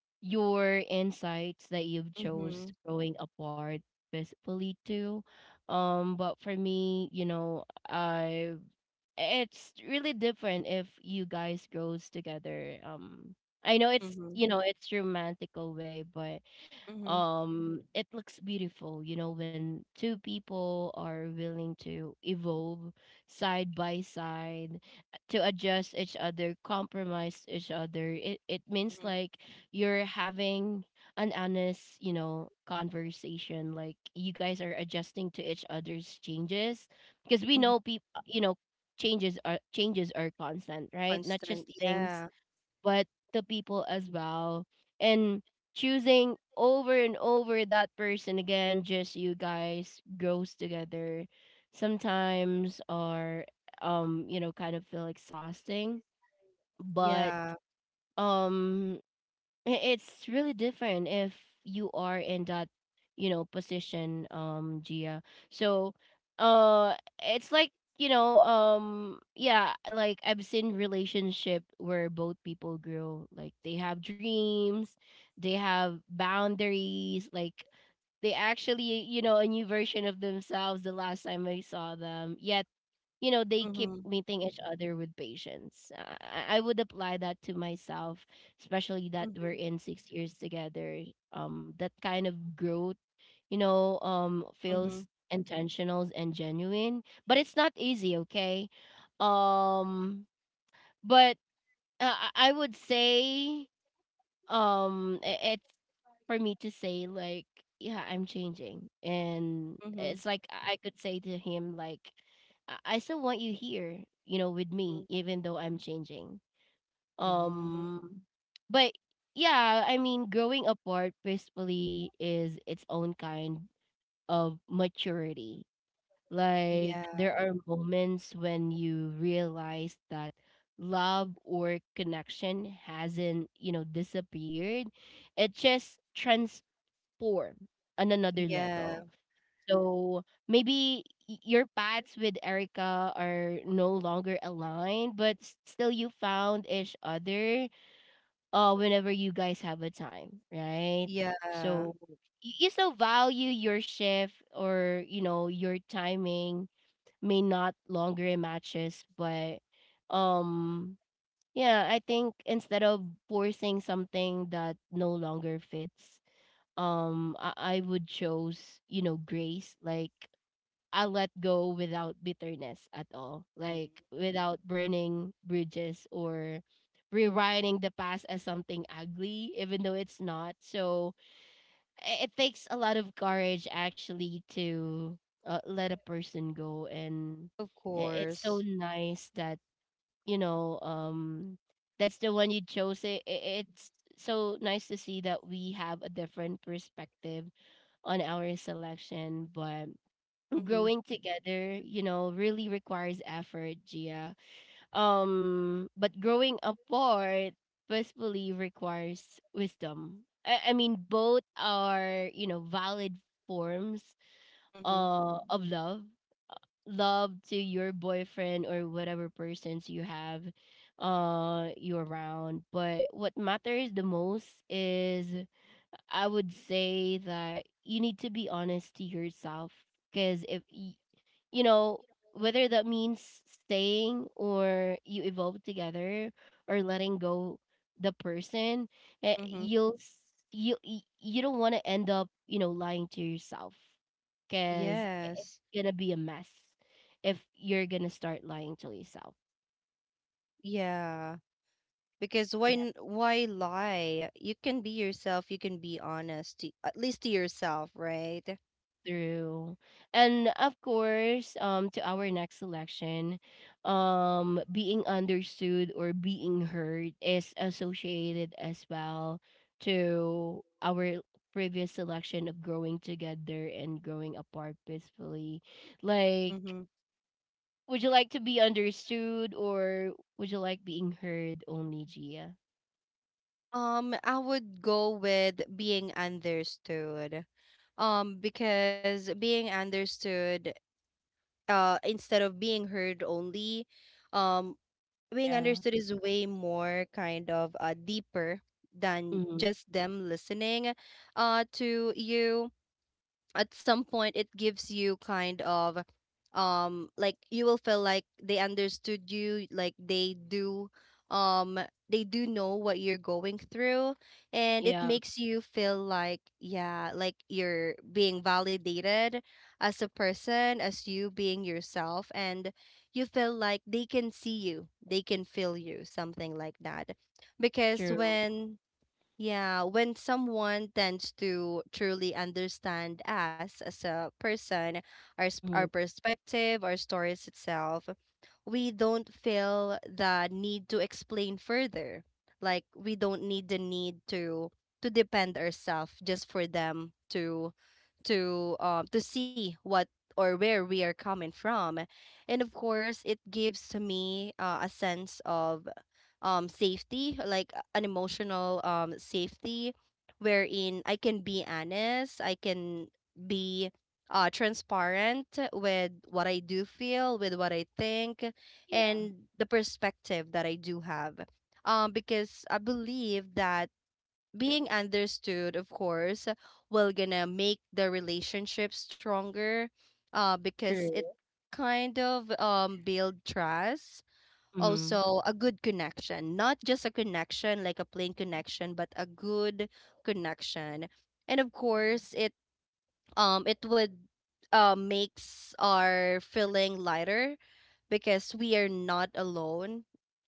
your insights that you've chose
Mm-hmm.
growing apart physically too. But for me, I it's really different if you guys grows together. I know it's you
Mm-hmm.
know it's romantical way, but
Mm-hmm.
it looks beautiful when two people are willing to evolve side by side, to adjust each other, compromise each other. It means like you're having an honest, conversation, like you guys are adjusting to each other's changes, because we know
Mhm.
people, changes are constant, right? Not just
Constant.
things,
Yeah.
but the people as well. And choosing over and over that person again, just you guys grows together sometimes, or kind of feel exhausting. But
Yeah.
um it's really different if you are in that, position, Gia. So, uh, it's like, yeah, like I've seen relationship where both people grow. Like they have dreams, they have boundaries, like they actually, a new version of themselves the last time I saw them. Yet they keep
Mhm.
meeting each other with patience, I would apply that to myself, especially that we're in
Mhm.
6 years together. That kind of growth, feels
Mhm.
intentional and genuine, but it's not easy, okay? um but I would say it's for me to say, like, yeah, I'm changing, and it's
Mhm.
like I could say to him, like, I still want you here, with me
Mhm.
even though I'm changing.
Mm.
um but yeah, I mean growing apart peacefully is its own kind of maturity, like, there
Yeah.
are moments when you realize that love or connection hasn't, disappeared. It just transformed on another level.
Yeah.
So maybe your paths with Erica are no longer aligned, but still you found each other, whenever you guys have a time, right? So
Yeah.
you still value your shift or your timing may not longer matches, but um yeah, I think instead of forcing something that no longer fits, I would choose, grace, like I let go without bitterness at all, like
Mhm.
without burning bridges or rewriting the past as something ugly even though it's not. So it takes a lot of courage actually to, let a person go. And
Of
i- it's so
course.
nice that, you know um that's the one you chose. It's so nice to see that we have a different perspective on our selection, but growing
Mhm.
together, really requires effort, Gia. But growing apart peacefully requires wisdom. I mean, both are, valid forms,
Mhm.
of love. Love to your boyfriend or whatever persons you have, you around. But what matters the most is, I would say, that you need to be honest to yourself. Because if you know, whether that means staying or you evolve together or letting go the person,
Mhm.
you'll s- you y- you don't want to end up, lying to yourself, because it's
Yes.
gonna be a mess if you're gonna start lying to yourself.
Yeah. Because
Yeah.
why why lie? You can be yourself, you can be honest to, at least to yourself, right?
True. And of course, to our next selection, being understood or being heard is associated as well to our previous selection of growing together and growing apart peacefully. Like,
Mhm.
would you like to be understood or would you like being heard only, Gia?
I would go with being understood, because being understood, instead of being heard only, um being
Yeah.
understood is way more kind of deeper than
Mm-hmm.
just them listening, to you. At some point it gives you kind of, like, you will feel like they understood you, like they do, um they do know what you're going through.
Yeah,
And it makes you feel like, yeah, like you're being validated as a person, as you being yourself, and you feel like they can see you, they can feel you, something like that. Because
true.
when, yeah, when someone tends to truly understand us as a person, our s-
Mm-hmm.
our perspective, our stories itself, we don't feel the need to explain further. Like, we don't need the need to depend ourselves just for them to to see what or where we are coming from. And of course, it gives me, a sense of, safety, like an emotional, safety, wherein I can be honest, I can be transparent with what I do feel, with what I think,
Yeah,
and the perspective that I do have. Because I believe that being understood, of course, will gonna make the relationship stronger,
true.
because it kind of build trust,
Mm-hmm.
also a good connection, not just a connection, like a plain connection, but a good connection. And of course, it would, makes our feeling lighter, because we are not alone,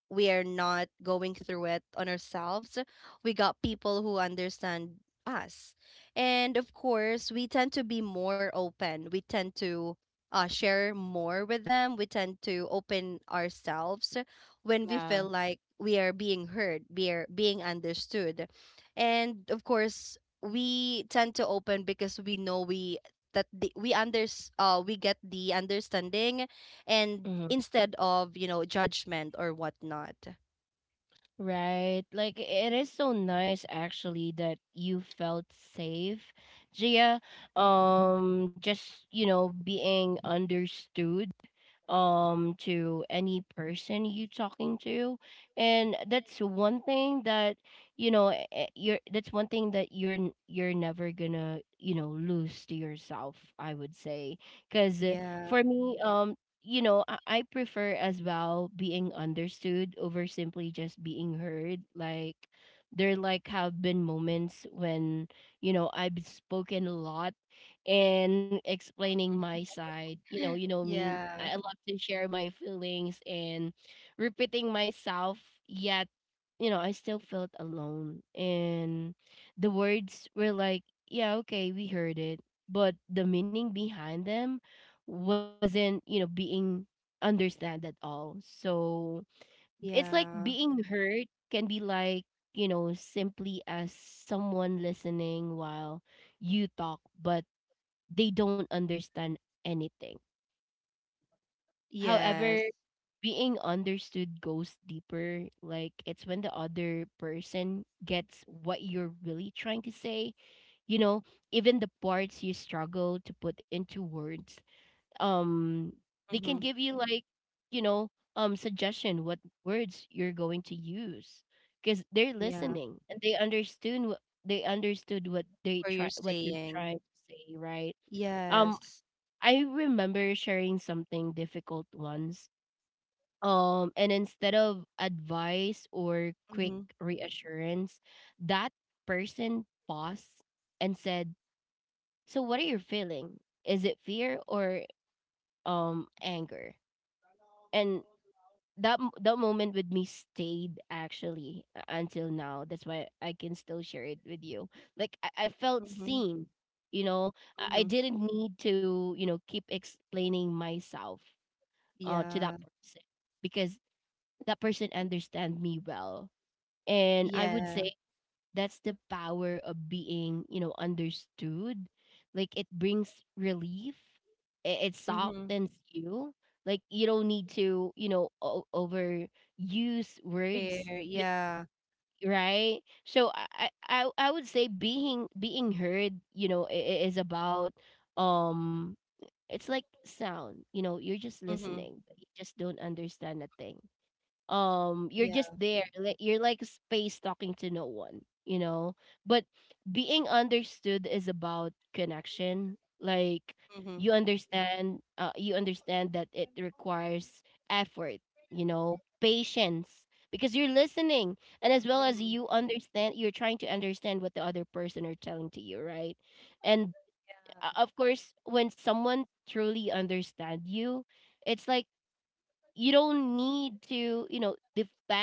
we are not going through it on ourselves. We got people who understand us. And of course, we tend to be more open. We tend to, share more with them. We tend to open ourselves when we
Yeah.
feel like we are being heard, we are being understood. And of course, we tend to open because we know we that the, we under we get the understanding,
Mm-hmm.
and instead of, you know, judgment or whatnot.
Right. Like it is so nice actually that you felt safe, Gia. Being understood to any person you talking to, and that's one thing that you know eh, eh, you're that's one thing that you're never gonna, you know, lose to yourself, I would say. Because for
Yeah.
me, you know, I prefer as well being understood over simply just being heard. Like there, like, have been moments when, you know, I've spoken a lot and explaining my side. You know, you know
[laughs]
me, I love
Yeah.
to share my feelings and repeating myself, yet, you know, I still felt alone. And the words were like, yeah, okay, we heard it. But the meaning behind them wasn't, you know, being understand at all. So it's like being
Yeah.
heard can be like, you know, simply as someone listening while you talk, but they don't understand anything. However,
Yes.
being understood goes deeper. Like it's when the other person gets what you're really trying to say. You know, even the parts you struggle to put into words. Um, they can give
Mm-hmm.
you like, you know, suggestion what words you're going to use, because they're listening
Yeah.
and they understood
Where
what
you're
you're trying
saying,
to say, right? Um,
yes.
I remember sharing something difficult once, and instead of advice or quick
Mm-hmm.
reassurance, that person paused and said, so, what are you feeling? Is it fear or, anger? And that moment with me stayed actually until now. That's why I can still share it with you. Like, I felt
Mm-hmm.
seen. You know, I
Mm-hmm.
didn't need to, you know, keep explaining myself, to that
Yeah.
person, because that person understand me well. And I would say
Yeah.
that's the power of being, you know, understood. Like it brings relief. It softens
Mm-hmm.
you. Like you don't need to, you know, overuse words.
Fair.
Just
Yeah.
right. So, I would say being heard, you know, is about um. It's like sound. You know, you're just listening, but
Mm-hmm.
you just don't understand a thing. You're just
Yeah.
there, like you're like a space talking to no one, you know. But being understood is about connection. Like you
Mm-hmm.
understand, you understand that it requires effort, you know, patience, because you're listening, and as well as you
Mm-hmm.
understand, you're trying to understand what the other person are telling to you, right? And
Yeah.
of course, when someone truly understand you, it's like you don't need to, you know, defend.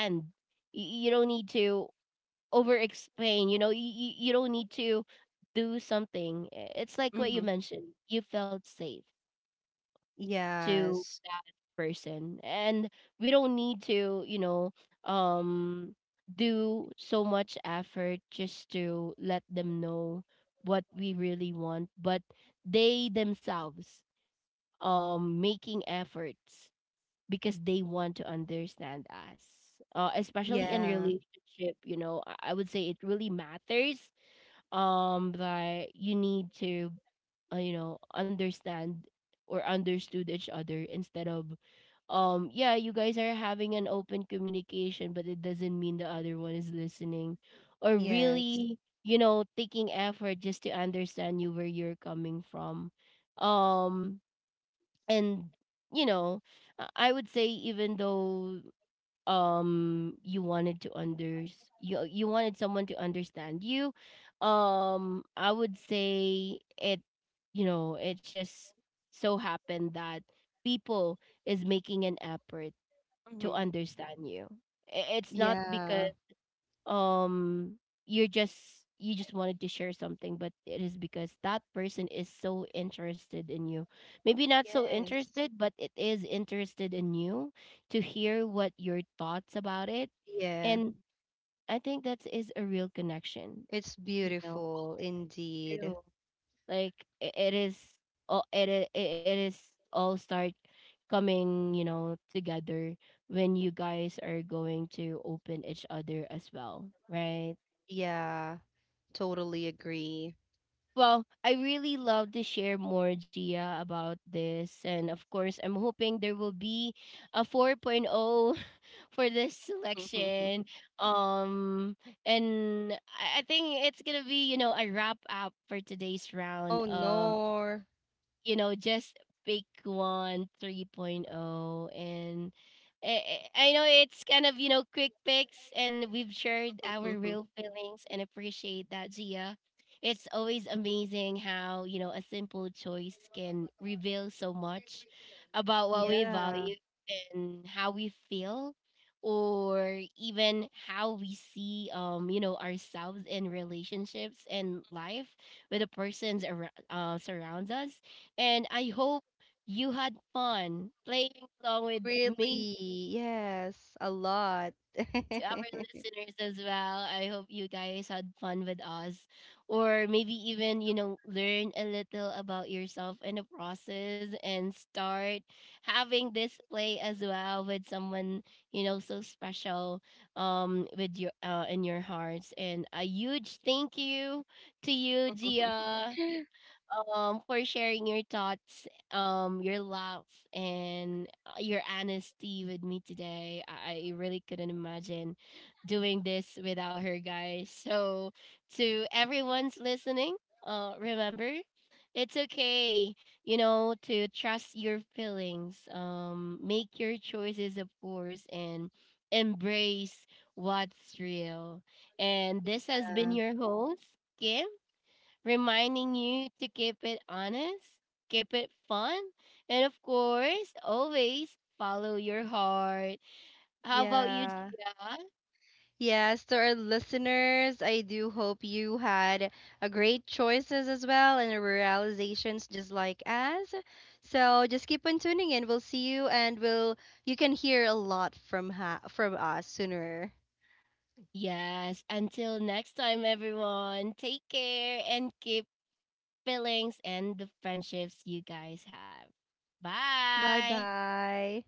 You don't need to over explain, you know, you you don't need to do something. It's like what you
Mm-hmm.
mentioned, you felt safe to that
Yes.
person. And we don't need to, you know, um do so much effort just to let them know what we really want, but they themselves, making efforts because they want to understand us. Especially in
Yeah.
relationship, you know, I would say it really matters that you need to, you know, understand or understood each other, instead of, yeah, you guys are having an open communication, but it doesn't mean the other one is listening or really,
Yes.
you know, taking effort just to understand you where you're coming from. um and, you know, I would say, even though, um you wanted to under you you wanted someone to understand you, I would say it, you know, it just so happened that people is making an effort to
Mm-hmm.
understand you. It's not because,
Yeah.
um you just wanted to share something, but it is because that person is so interested in you. Maybe not so interested,
Yes.
but it is interested in you, to hear what your thoughts about it. And
Yeah.
I think that is a real connection,
It's
you know,
beautiful
too.
indeed.
Like, it is all it is all start coming, you know, together, when you guys are going to open each other as well, right?
Yeah, totally agree.
Well, I really love to share more, Gia, about this. And of course, I'm hoping there will be a 4.0 [laughs] for this selection.
[laughs]
Um, and I think it's going to be, you know, a wrap up for today's round
Oh
of,
no.
you know, just pick one 3.0. And I, I know it's kind of, you know, quick picks, and we've shared our real
[laughs]
feelings, and appreciate that, Gia. It's always amazing how, you know, a simple choice can reveal so much about what we value
Yeah,
and how we feel, or even how we see, you know, ourselves in relationships and life, with the persons around, surrounds us. And I hope you had fun playing along with me.
really. Yes, a lot.
To our
[laughs]
listeners as well, I hope you guys had fun with us, or maybe even, you know, learn a little about yourself in the process, and start having this play as well with someone, you know, so special, with your in your hearts. And a huge thank you to you, Gia, for sharing your thoughts, your laughs, and your honesty with me today. I really couldn't imagine doing this without her, guys. So, to everyone's listening, remember, it's okay, you know, to trust your feelings, make your choices, of course, and embrace what's real. And this has been your
Yeah.
host, Kim, reminding you to keep it honest, keep it fun, and of course, always follow your heart. How about you,
Yeah.
Gia?
Yes, to our listeners, I do hope you had a great choices as well and realizations just like us. So just keep on tuning in. We'll see you, and we'll you can hear a lot from ha from us sooner.
Yes, until next time, everyone, take care and keep feelings and the friendships you guys have.
Bye
Bye.
bye.